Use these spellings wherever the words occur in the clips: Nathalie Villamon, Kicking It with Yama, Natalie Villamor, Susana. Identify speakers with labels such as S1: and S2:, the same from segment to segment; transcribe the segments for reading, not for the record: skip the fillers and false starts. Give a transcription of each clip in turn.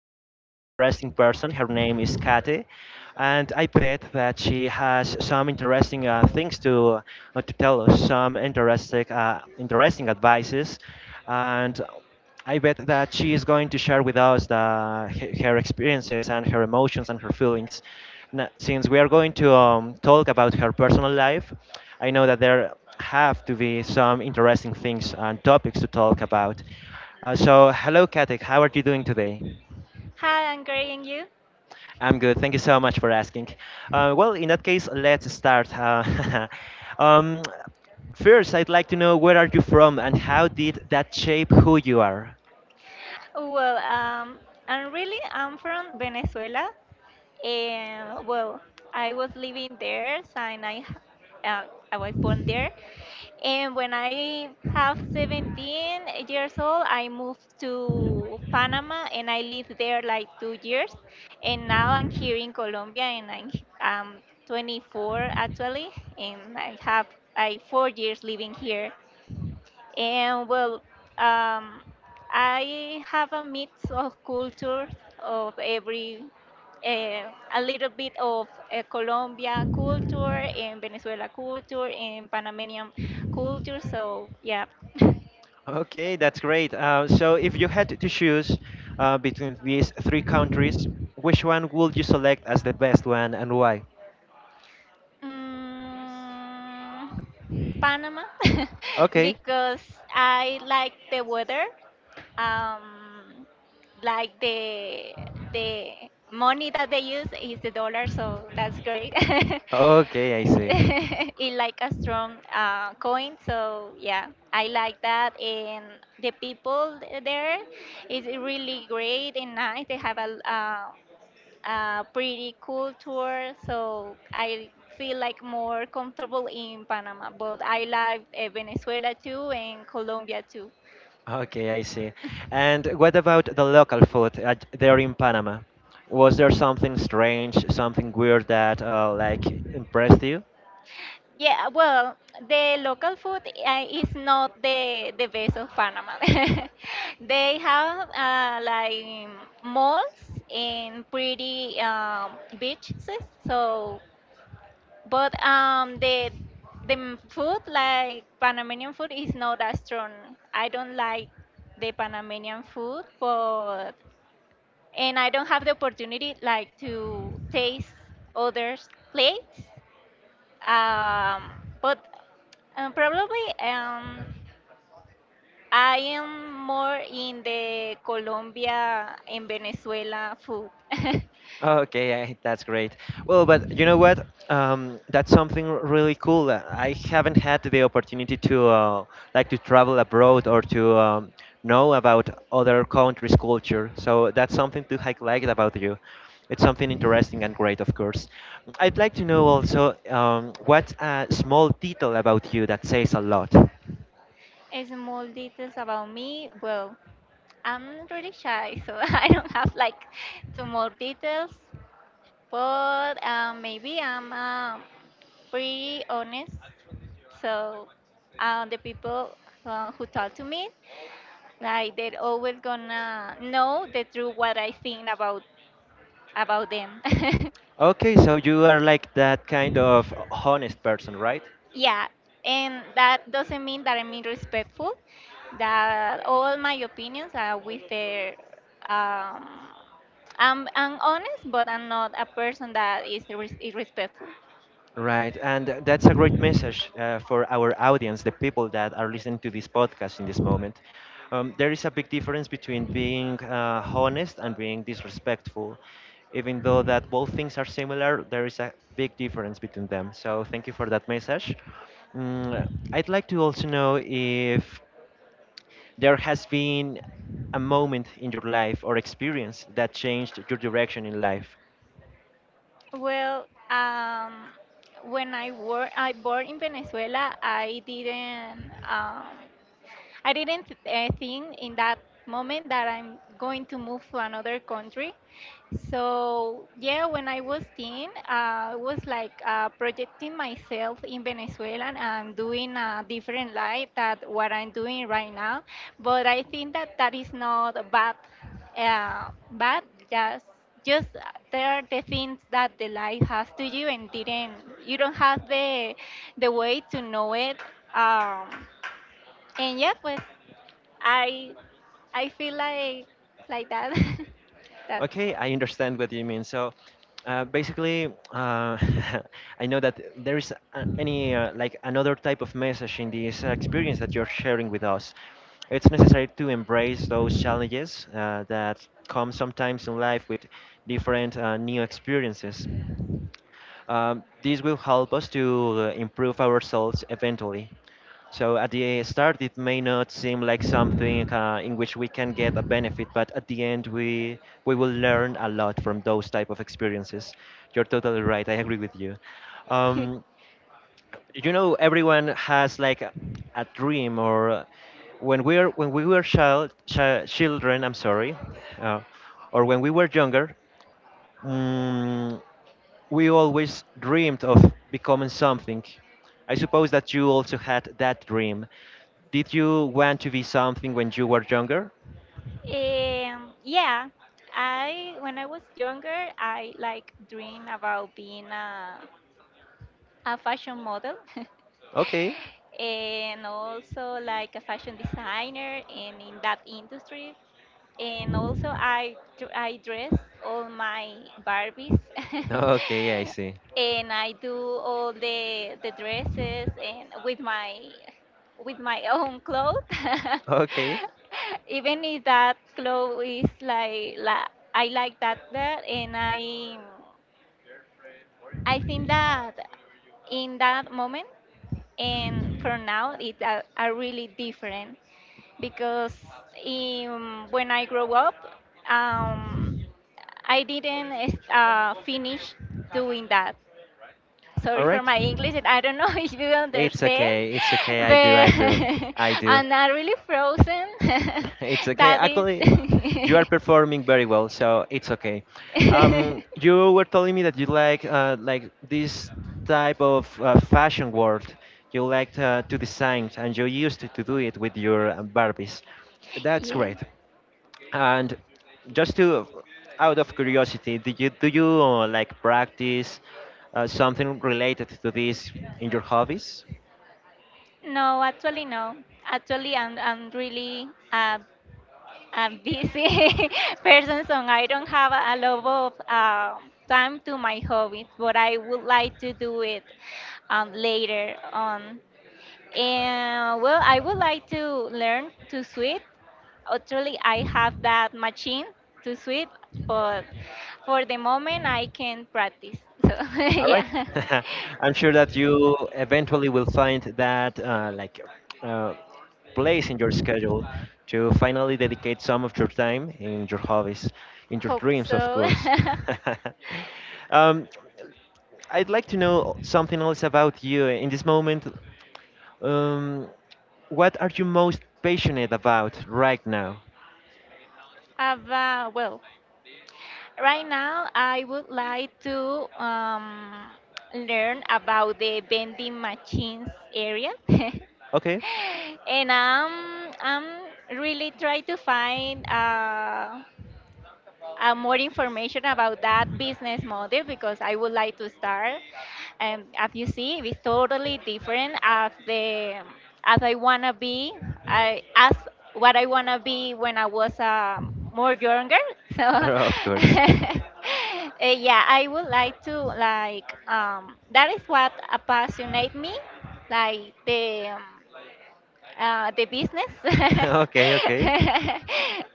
S1: an interesting person. Her name is Kate, and I bet that she has some interesting things to tell us, some interesting interesting advices, and. I bet that she is going to share with us her experiences and her emotions and her feelings. Now, since we are going to talk about her personal life, I know that there have to be some interesting things and topics to talk about. Hello, Katek. How are you doing today?
S2: Hi, I'm great, and you?
S1: I'm good. Thank you so much for asking. Well, in that case, let's start. Um, first, I'd like to know where are you from and how did that shape who you are?
S2: Well, um, I'm from Venezuela, and I was living there since uh, I was born there, and when I have 17 years old, I moved to Panama, and I lived there like 2 years, and now I'm here in Colombia, and I'm 24 actually, and I have like 4 years living here. And well, um, I have a mix of cultures of uh, a little bit of Colombia culture and Venezuela culture and Panamanian culture. So yeah.
S1: Okay, that's great. So if you had to choose between these three countries, which one would you select as the best one and why?
S2: Mm, Panama.
S1: Okay.
S2: Because I like the weather, um, like the money that they use is the dollar, so that's great.
S1: Okay, I see.
S2: It like a strong coin, so yeah, I like that, and the people there is really great and nice. They have a pretty cool tour, so I feel like more comfortable in Panama, but I like Venezuela too and Colombia too.
S1: Okay, I see. And what about the local food at, there in Panama? Was there something strange, something weird that like impressed you?
S2: Yeah, the local food is not the best of Panama. They have like malls and pretty beaches. So, but the food like Panamanian food is not as strong. I don't like the Panamanian food, but and I don't have the opportunity like to taste others' plates. Um, but probably I am more in the Colombia and Venezuela food.
S1: Okay, I, that's great. Well, but you know what? That's something really cool. I haven't had the opportunity to like to travel abroad or to know about other countries' culture. So that's something to highlight about you. It's something interesting and great, of course. I'd like to know also what's a small detail about you that says a lot.
S2: Small details about me. Well, I'm really shy, so I don't have like too more details. But maybe I'm pretty honest. So the people who talk to me, like they're always gonna know the truth what I think about them.
S1: Okay, so you are like that kind of honest person, right?
S2: Yeah, and that doesn't mean that I'm irrespectful. That all my opinions are with their. Um, I'm honest, but I'm not a person that is irrespectful.
S1: Right, and that's a great message for our audience, the people that are listening to this podcast in this moment. There is a big difference between being honest and being disrespectful. Even though that both things are similar, there is a big difference between them. So thank you for that message. Mm, I'd like to also know if there has been a moment in your life or experience that changed your direction in life.
S2: Well, um, when I were I born in Venezuela, I didn't. I didn't think in that moment that I'm going to move to another country. So, yeah, when I was teen, I was like projecting myself in Venezuela and doing a different life that what I'm doing right now. But I think that that is not bad, uh, bad just just there are the things that the life has to you and didn't you don't have the way to know it, um, and yeah, pues, I I feel like that that
S1: Okay, I understand what you mean. So, basically, uh, I know that there is any like another type of message in this experience that you're sharing with us. It's necessary to embrace those challenges that come sometimes in life with different new experiences. This will help us to improve our results eventually. So at the start, it may not seem like something in which we can get a benefit, but at the end, we will learn a lot from those type of experiences. You're totally right. I agree with you. Um, everyone has like a dream, or when we were children. I'm sorry, uh, or when we were younger. mm we always dreamed of becoming something. I suppose that you also had that dream. Did you want to be something when you were younger?
S2: yeah, I when I was younger, I like dream about being a fashion model.
S1: Okay.
S2: And also like a fashion designer and in that industry. And also I dress all my Barbies,
S1: Okay, I see.
S2: and I do all the dresses and with my own clothes.
S1: Okay.
S2: Even if that clothes is like I like that there, and I think that in that moment and for now it's a, are really different, because in, when I grew up, um, I didn't finish doing that.
S1: All
S2: Sorry for
S1: right.
S2: my English, and I don't know if you
S1: It's
S2: understand,
S1: okay. It's okay. I do.
S2: but
S1: I do. I do.
S2: I'm not really frozen.
S1: It's okay.
S2: That is.
S1: Actually, you are performing very well, so it's okay. You were telling me that you like this type of fashion world. You like to design, and you used to do it with your Barbies. That's
S2: Yes.
S1: great. And just to, out of curiosity, do you like practice something related to this in your hobbies?
S2: No, actually no. Actually, I'm busy person, so I don't have a lot of time to my hobbies, but I would like to do it later on. And well, I would like to learn to sweep. Actually, I have that machine to sweep, but for the moment, I can practice. So,
S1: All right.
S2: yeah,
S1: I'm sure that you eventually will find that like uh, place in your schedule to finally dedicate some of your time in your hobbies, in your
S2: hope
S1: dreams, of
S2: so.
S1: course. um, I'd like to know something else about you in this moment. Um, what are you most passionate about right now?
S2: About, well, right now, I would like to learn about the vending machines area.
S1: Okay,
S2: And I'm really trying to find. More information about that business model because I would like to start. And as you see, it's totally different as the as I wanna be, I as what I wanna be when I was more younger. So
S1: of course.
S2: yeah, I would like to like that is what apassionate me, like the business.
S1: Okay, okay.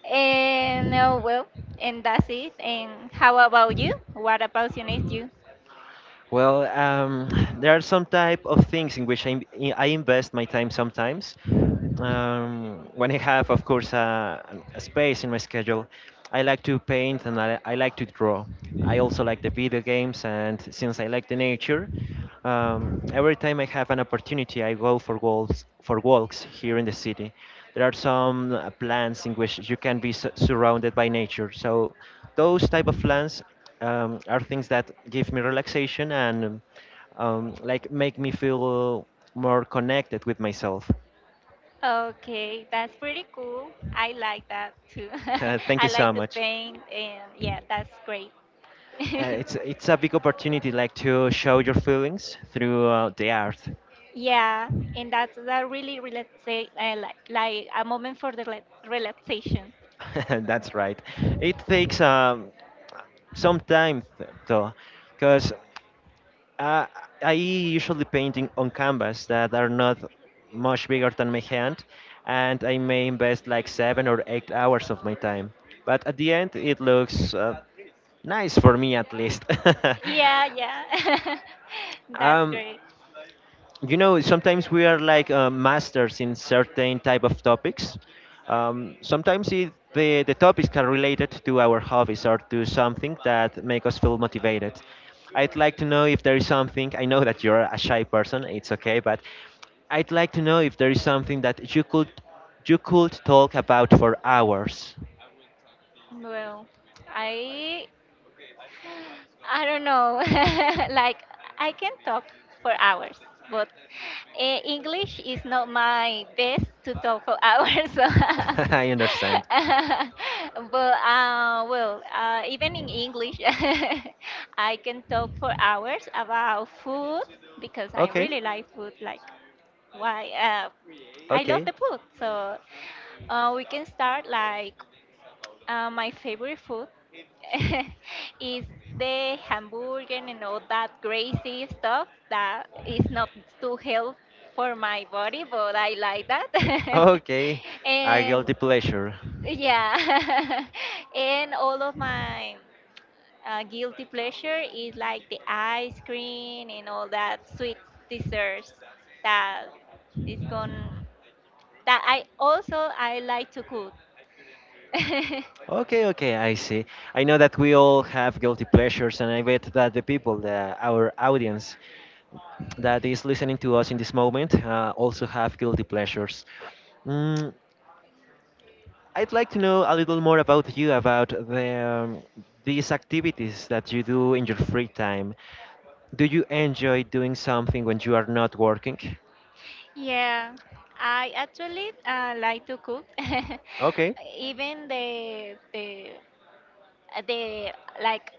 S2: And that's it. And how about you? What apasionates you?
S1: Well, there are some type of things in which I invest my time sometimes. When I have, of course, a space in my schedule, I like to paint and I like to draw. I also like the video games, and since I like the nature, every time I have an opportunity, I go for walks here in the city. There are some plants in which you can be surrounded by nature. So those type of plants are things that give me relaxation and like make me feel more connected with myself.
S2: Okay, that's pretty cool. I like that too.
S1: Thank
S2: I
S1: you
S2: like
S1: so
S2: to
S1: much.
S2: paint, and
S1: Uh,
S2: yeah, that's great.
S1: it's a big opportunity like to show your feelings through the art.
S2: Yeah, and that's that really like a moment for the relaxation.
S1: That's right. It takes sometimes though, because uh, I usually painting on canvas that are not much bigger than my hand, and I may invest like 7 or 8 hours of my time. But at the end, it looks
S2: Yeah,
S1: nice for me at least.
S2: yeah, yeah, yeah. That's
S1: um,
S2: great.
S1: sometimes we are like masters in certain type of topics. Sometimes the topics are related to our hobbies or to something that make us feel motivated. I'd like to know if there is something. I know that you're a shy person. It's okay, but I'd like to know if there is something that you could talk about for hours.
S2: Well, I I don't know. Like I can talk for hours, but English is not my best to talk for hours. So.
S1: I understand.
S2: But even in English, I can talk for hours about food because I
S1: Okay.
S2: really like food. Like why? I love
S1: Okay.
S2: the food, so we can start like my favorite food is the hamburger and all that crazy stuff that is not too healthy for my body, but I like that.
S1: Okay. A
S2: And
S1: guilty pleasure.
S2: yeah, and all of my guilty pleasure is like the ice cream and all that sweet desserts that is gone that I also I like to cook.
S1: Okay, okay, I see. I know that we all have guilty pleasures, and I bet that the, our audience that is listening to us in this moment, also have guilty pleasures. Mm, I'd like to know a little more about you, about these activities that you do in your free time. Do you enjoy doing something when you are not working?
S2: Yeah, I actually like to cook.
S1: Okay,
S2: Even the like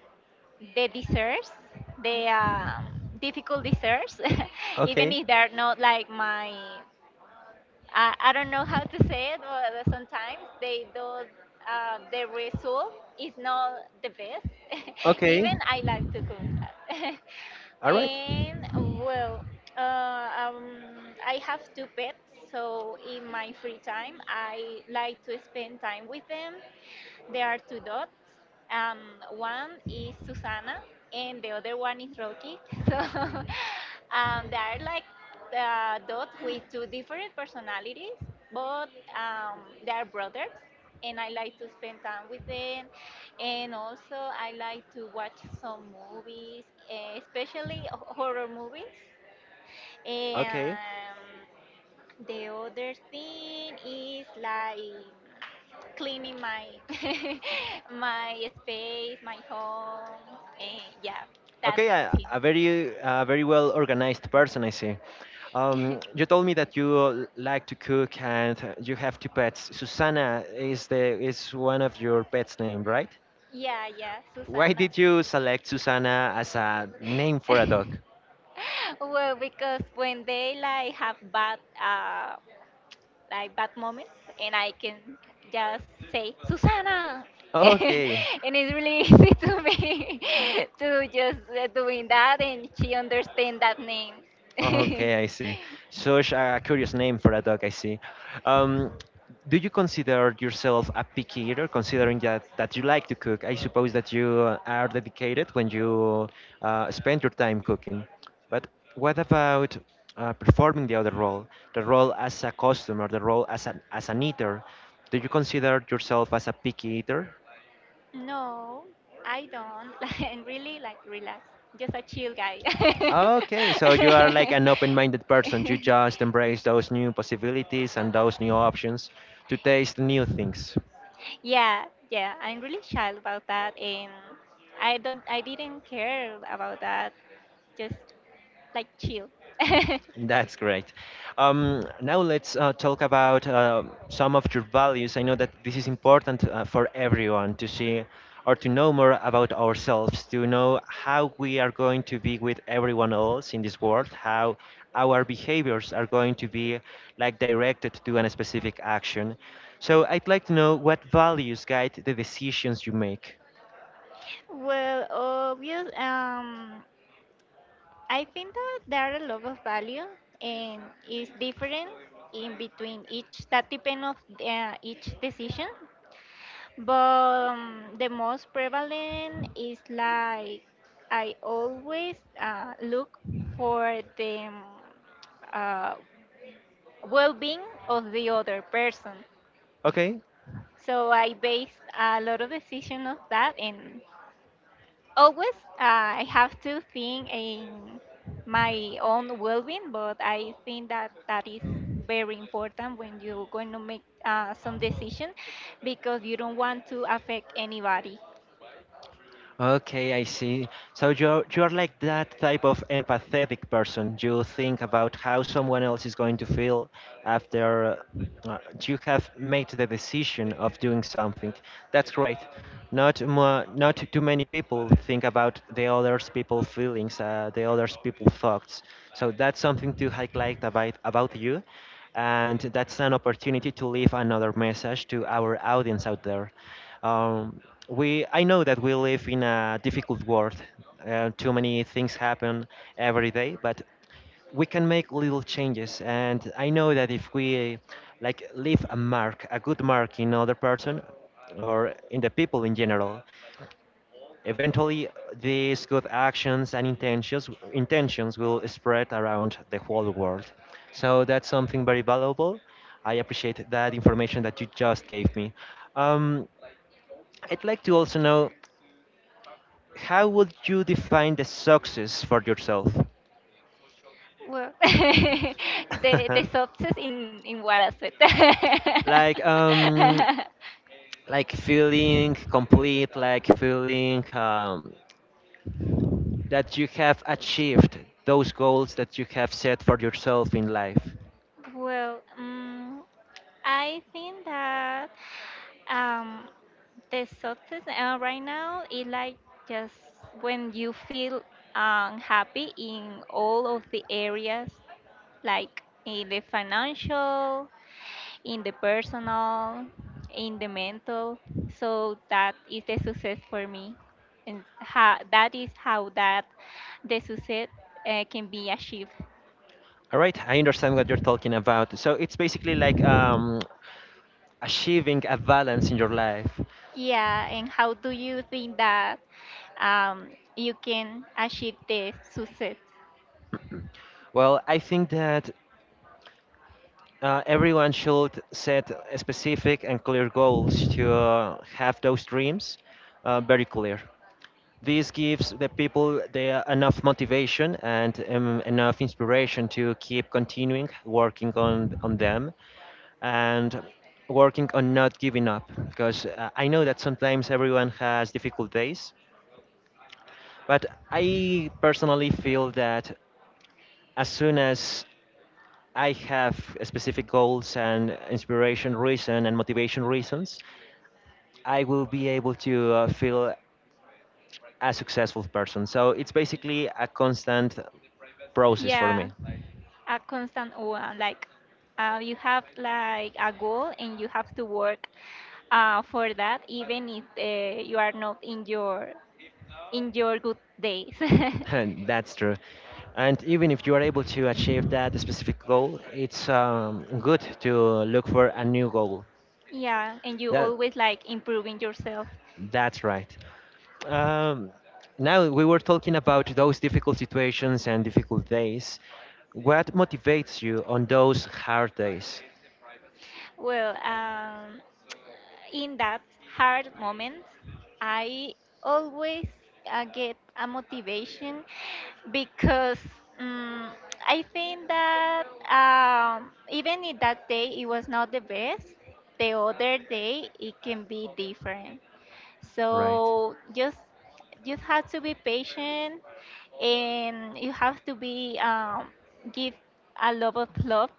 S2: the desserts, the difficult desserts, even
S1: okay.
S2: if they're not like my I don't know how to say it, but sometimes they do the result is not the best.
S1: Okay.
S2: Even I like to cook that.
S1: All right.
S2: And uh, I have two pets, so in my free time, I like to spend time with them. There are two dots. Um, one is Susana, and the other one is Rocky. So they are like dots with two different personalities, but they are brothers. And I like to spend time with them, and also I like to watch some movies, especially horror movies. And
S1: Okay.
S2: the other thing is like cleaning my my space, my home, and yeah, that's
S1: Okay,
S2: it.
S1: a very very well organized person, I see. You told me that you like to cook and you have two pets. Susana is the is one of your pet's name, right?
S2: Yeah, yeah,
S1: Why
S2: Susana.
S1: did you select Susana as a name for a dog?
S2: Well, because when they like have bad like bad moments, and I can just say Susana.
S1: Okay.
S2: And it's really easy to me to just doing that and she understand that name.
S1: Okay, I see. Such a curious name for a dog, I see. Um, do you consider yourself a picky eater, considering that you like to cook? I suppose that you are dedicated when you spend your time cooking. But what about performing the other role, the role as a customer, the role as as an eater? Do you consider yourself as a picky eater?
S2: No, I don't. I really like relax, just a chill guy.
S1: Okay, so you are like an open-minded person. You just embrace those new possibilities and those new options to taste new things.
S2: Yeah, yeah, I'm really shy about that, and I didn't care about that. Just like chill.
S1: That's great. Now let's talk about some of your values. I know that this is important for everyone to see or to know more about ourselves, to know how we are going to be with everyone else in this world, how our behaviors are going to be like directed to a specific action. So I'd like to know what values guide the decisions you make.
S2: Well, obvious. I think that there are a lot of value and it's different in between each that depend of each decision. But the most prevalent is like I always look for the uh, well-being of the other person.
S1: Okay?
S2: So I base a lot of decision of that, and always I have to think in my own well-being, but I think that that is very important when you're going to make some decision because you don't want to affect anybody.
S1: Okay, I see. So you're like that type of empathetic person. You think about how someone else is going to feel after you have made the decision of doing something. That's great. Not more, not too many people think about the others people feelings, the others people thoughts. So that's something to highlight about you, and that's an opportunity to leave another message to our audience out there. Um, we I know that we live in a difficult world. Too many things happen every day, but we can make little changes. And I know that if we like leave a mark, a good mark in other person or in the people in general, eventually these good actions and intentions will spread around the whole world. So that's something very valuable. I appreciate that information that you just gave me. Um, I'd like to also know how would you define the success for yourself?
S2: Well, the success in what I said.
S1: Like like feeling complete, like feeling that you have achieved those goals that you have set for yourself in life.
S2: Well, I think that um, the success right now is like just when you feel unhappy in all of the areas, like in the financial, in the personal, in the mental. So that is the success for me, and how, that is how that the success can be achieved.
S1: All right, I understand what you're talking about. So it's basically like achieving a balance in your life.
S2: Yeah, and how do you think that um, you can achieve the success?
S1: Well, I think that everyone should set a specific and clear goals to have those dreams very clear. This gives the people the enough motivation and enough inspiration to keep continuing working on them and working on not giving up because I know that sometimes everyone has difficult days, but I personally feel that as soon as I have specific goals and inspiration reason and motivation reasons, I will be able to feel a successful person. So it's basically a constant process for
S2: Yeah,
S1: me.
S2: a constant one. Like you have like a goal and you have to work for that, even if you are not in your in your good days.
S1: And that's true. And even if you are able to achieve that specific goal, it's good to look for a new goal.
S2: Yeah, and you
S1: That
S2: always like improving yourself.
S1: that's right. Um, Now we were talking about those difficult situations and difficult days. What motivates you on those hard days?
S2: Well, in that hard moment, I always get a motivation because um, I think that even if that day it was not the best, the other day it can be different.
S1: Right.
S2: So just have to be patient and you have to be give a lot of love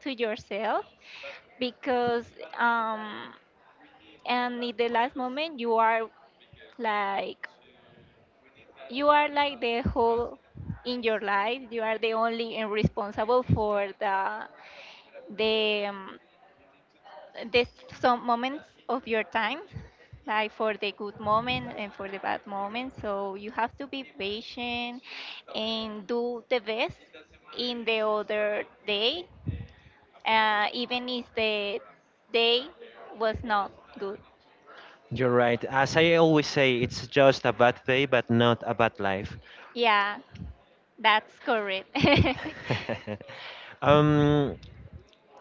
S2: to yourself because um, and in the last moment like you are like the whole in your life you are the only and responsible for the some moments of your time, like for the good moment and for the bad moment, so you have to be patient and do the best in the other day, even if the day was not good.
S1: You're right. As I always say, it's just a bad day, but not a bad life.
S2: Yeah, that's correct.
S1: um,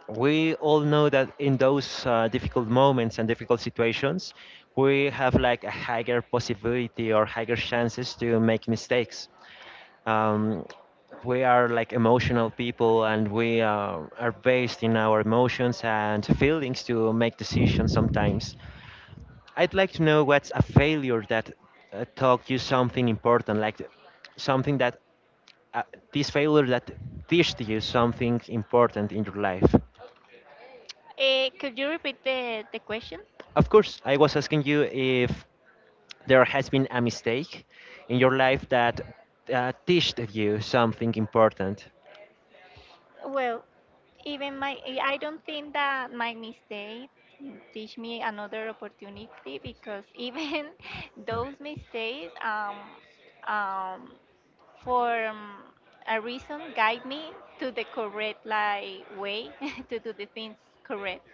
S1: we all know that in those difficult moments and difficult situations, we have like a higher possibility or higher chances to make mistakes. Um, we are like emotional people and we are based in our emotions and feelings to make decisions sometimes. I'd like to know what's a failure that taught you something important, like something that uh, this failure that teached you something important in your life.
S2: Could you repeat the question?
S1: Of course, I was asking you if there has been a mistake in your life that taught you something important.
S2: Well, even my, I don't think that my mistake teach me another opportunity because even those mistakes, um, for a reason, guide me to the correct like way to do the things correct,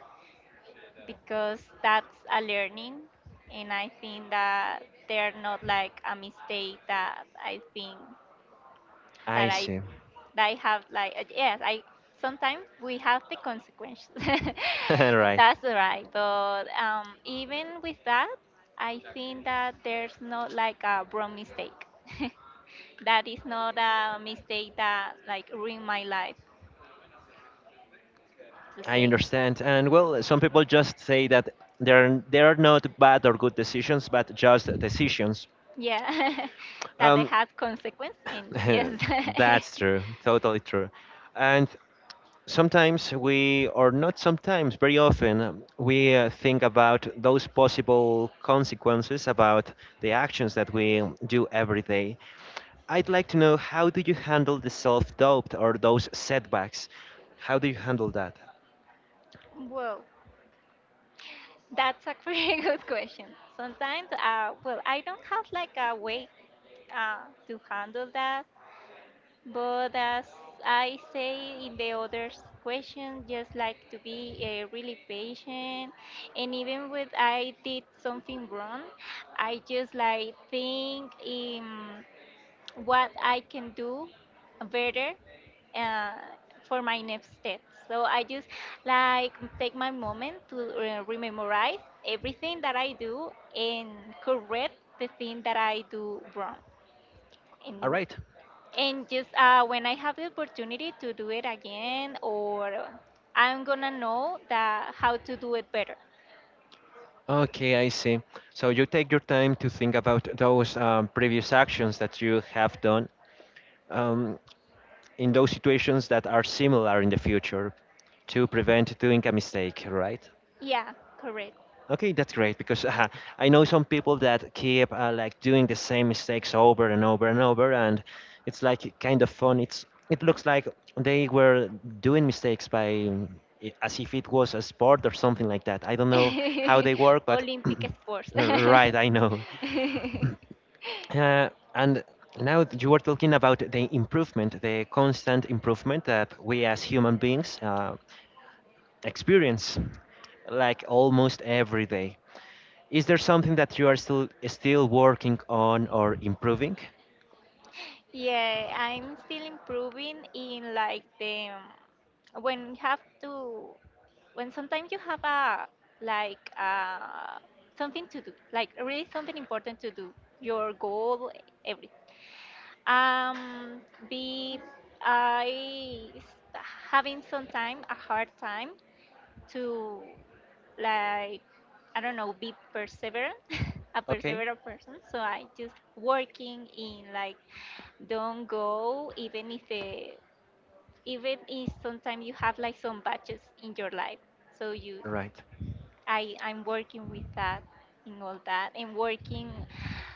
S2: because that's a learning, and I think that they're not like a mistake that I think
S1: I
S2: that I
S1: see.
S2: that I have like yes, I sometimes we have the consequences.
S1: Right.
S2: That's right. But even with that, I think that there's not like a wrong mistake. That is not a mistake that like ruined my life to
S1: I
S2: say.
S1: understand. And well, some people just say that there are not bad or good decisions, but just decisions.
S2: Yeah, that they
S1: Um,
S2: had consequence and yes.
S1: that's true, totally true. And sometimes we, or not sometimes, very often, we think about those possible consequences about the actions that we do every day. I'd like to know how do you handle the self doubt or those setbacks? How do you handle that?
S2: Well, that's a pretty good question. Sometimes, well, I don't have like a way to handle that. But as I say in the other question, just like to be really patient. And even when I did something wrong, I just like think in what I can do better uh, for my next step. So I just like take my moment to rememorize everything that I do and correct the thing that I do wrong.
S1: All
S2: And
S1: right.
S2: and just when I have the opportunity to do it again, or I'm gonna know that how to do it better.
S1: Okay, I see. So you take your time to think about those previous actions that you have done um, in those situations that are similar in the future to prevent doing a mistake, right?
S2: Yeah, correct.
S1: Okay, that's great because I know some people that keep like doing the same mistakes over and over and over, and it's like kind of fun. It looks like they were doing mistakes by as if it was a sport or something like that. I don't know how they work, but
S2: Olympic sports.
S1: right, I know. And now that you were talking about the improvement, the constant improvement that we as human beings experience like almost every day. Is there something that you are still working on or improving?
S2: Yeah, I'm still improving in like the when you have to when sometimes you have a like something to do, like really something important to do, your goal, everything. Um, be I s- having some time, a hard time to like I don't know, be perseverant, a
S1: Okay,
S2: perseverant person. So I just working in like don't go even if the even if sometimes you have like some batches in your life. So you
S1: right.
S2: I'm working with that in all that and working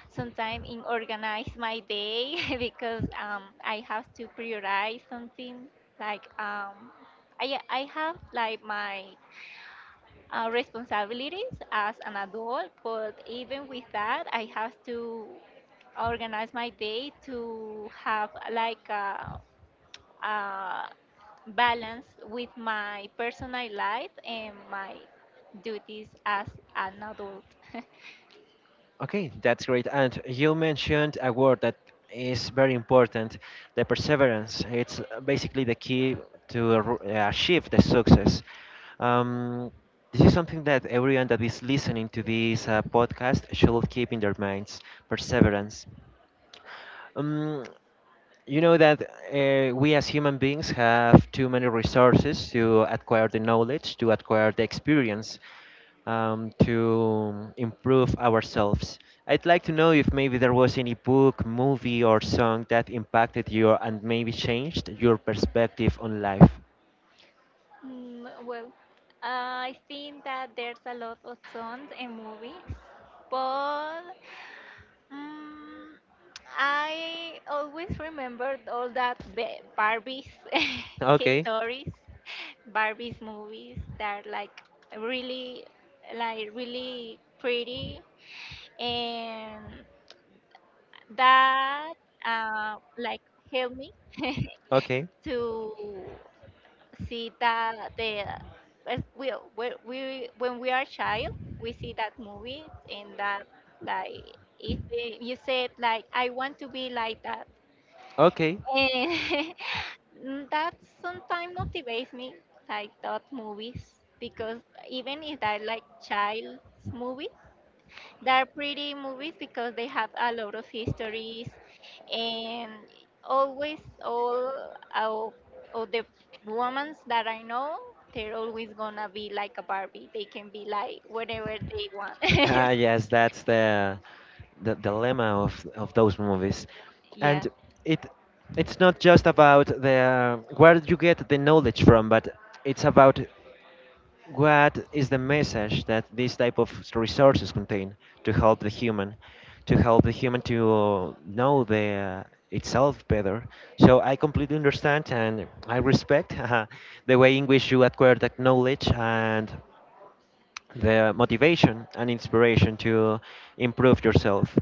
S2: sometimes in organize my day because I have to prioritize something like I have like my responsibilities as an adult, but even with that, I have to organize my day to have like a uh, balance with my personal life and my duties as an adult.
S1: Okay, that's great. And you mentioned a word that is very important, the perseverance. It's basically the key to achieve the success. Um, this is something that everyone that is listening to this podcast should keep in their minds, perseverance. Um, you know that we as human beings have too many resources to acquire the knowledge, to acquire the experience, to improve ourselves. I'd like to know if maybe there was any book, movie, or song that impacted you and maybe changed your perspective on life.
S2: Mm, well, I think that there's a lot of songs and movies, but mm I always remembered all that Barbie's
S1: Okay,
S2: stories, Barbie's movies that are really, like really pretty and that like help me
S1: okay,
S2: to see that the as we when we are a child we see that movie and that like if you said like I want to be like that
S1: okay.
S2: and mm, that sometimes motivates me like that movies because even if I like child movies they're pretty movies because they have a lot of histories and always all of, of the women that I know, they're always gonna be like a Barbie. They can be like whatever they want.
S1: Ah, yes, that's the dilemma of those movies,
S2: Yeah.
S1: and it it's not just about the where you get the knowledge from, but it's about what is the message that these type of resources contain to help the human, to help the human to know the itself better. So I completely understand and I respect the way in which you acquire that knowledge and the motivation and inspiration to improve yourself.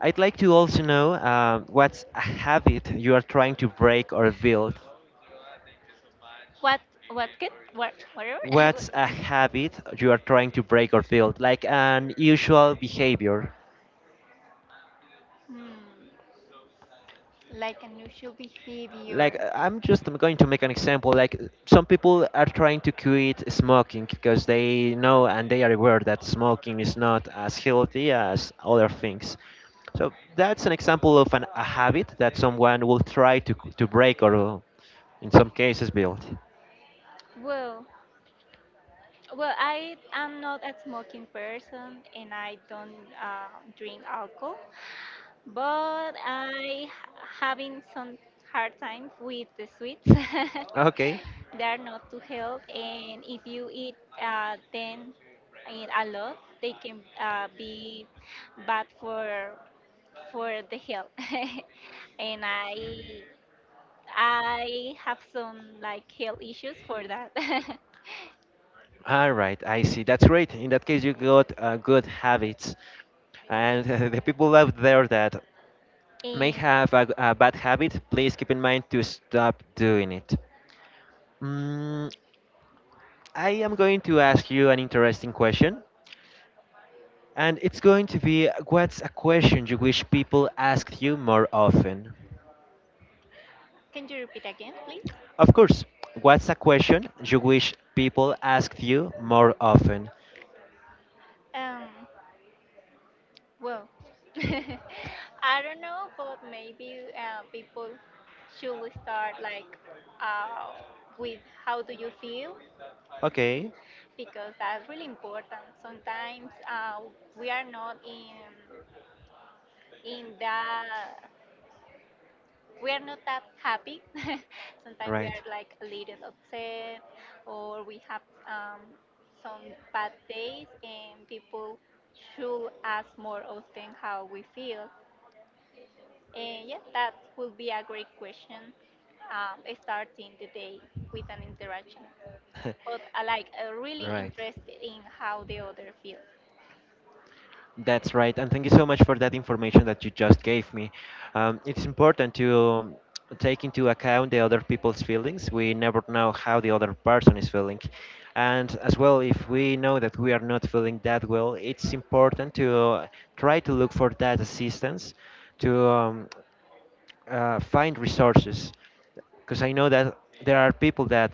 S1: I'd like to also know what's a habit you are trying to break or build.
S2: What whatever
S1: What's a
S2: What-
S1: habit you are trying to break or build, like an usual behavior?
S2: Hmm, like unusual
S1: Like
S2: behavior.
S1: I'm just going to make an example like some people are trying to quit smoking because they know and they are aware that smoking is not as healthy as other things, so that's an example of an, a habit that someone will try to break or in some cases build.
S2: Well, well, I am not a smoking person and I don't uh, drink alcohol, but I having some hard time with the sweets.
S1: Okay,
S2: They are not too healthy, and if you eat them in a lot, they can be bad for the health. And I have some like health issues for that.
S1: all right, I see, that's great, in that case you got good habits and the people out there that may
S2: Eh,
S1: have a bad habit please keep in mind to stop doing it. Mm, I am going to ask you an interesting question, and it's going to be what's a question you wish people asked you more often?
S2: can you repeat again, please?
S1: Of course, what's a question you wish people asked you more often?
S2: Um, well, I don't know, but maybe people should start like uh, with how do you feel
S1: Okay,
S2: because that's really important. Sometimes we are not in that we are not that happy. Sometimes we
S1: right,
S2: are like a little upset or we have um, some bad days, and people should ask more often how we feel. Yeah, that would be a great question. Starting the day with an interaction, but I like really
S1: right.
S2: interested in how the other feels.
S1: That's right, and thank you so much for that information that you just gave me. It's important to take into account the other people's feelings. We never know how the other person is feeling. And as well, if we know that we are not feeling that well, it's important to try to look for that assistance, to find resources because I know that there are people that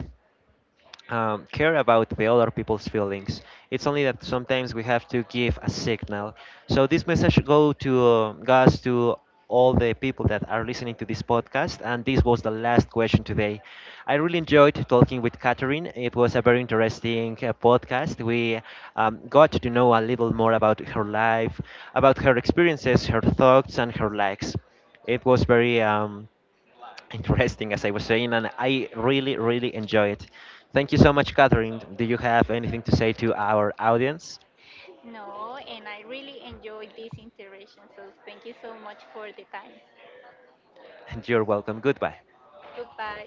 S1: care about the other people's feelings. It's only that sometimes we have to give a signal. So this message go to goes to all the people that are listening to this podcast. And this was the last question today. I really enjoyed talking with Catherine. It was a very interesting podcast. We got to know a little more about her life, about her experiences, her thoughts, and her likes. It was very interesting, as I was saying, and I really, really enjoy it. Thank you so much, Catherine. Do you have anything to say to our audience?
S2: No, and I really enjoyed this interaction. So thank you so much for the time.
S1: And you're welcome. Goodbye.
S2: Goodbye.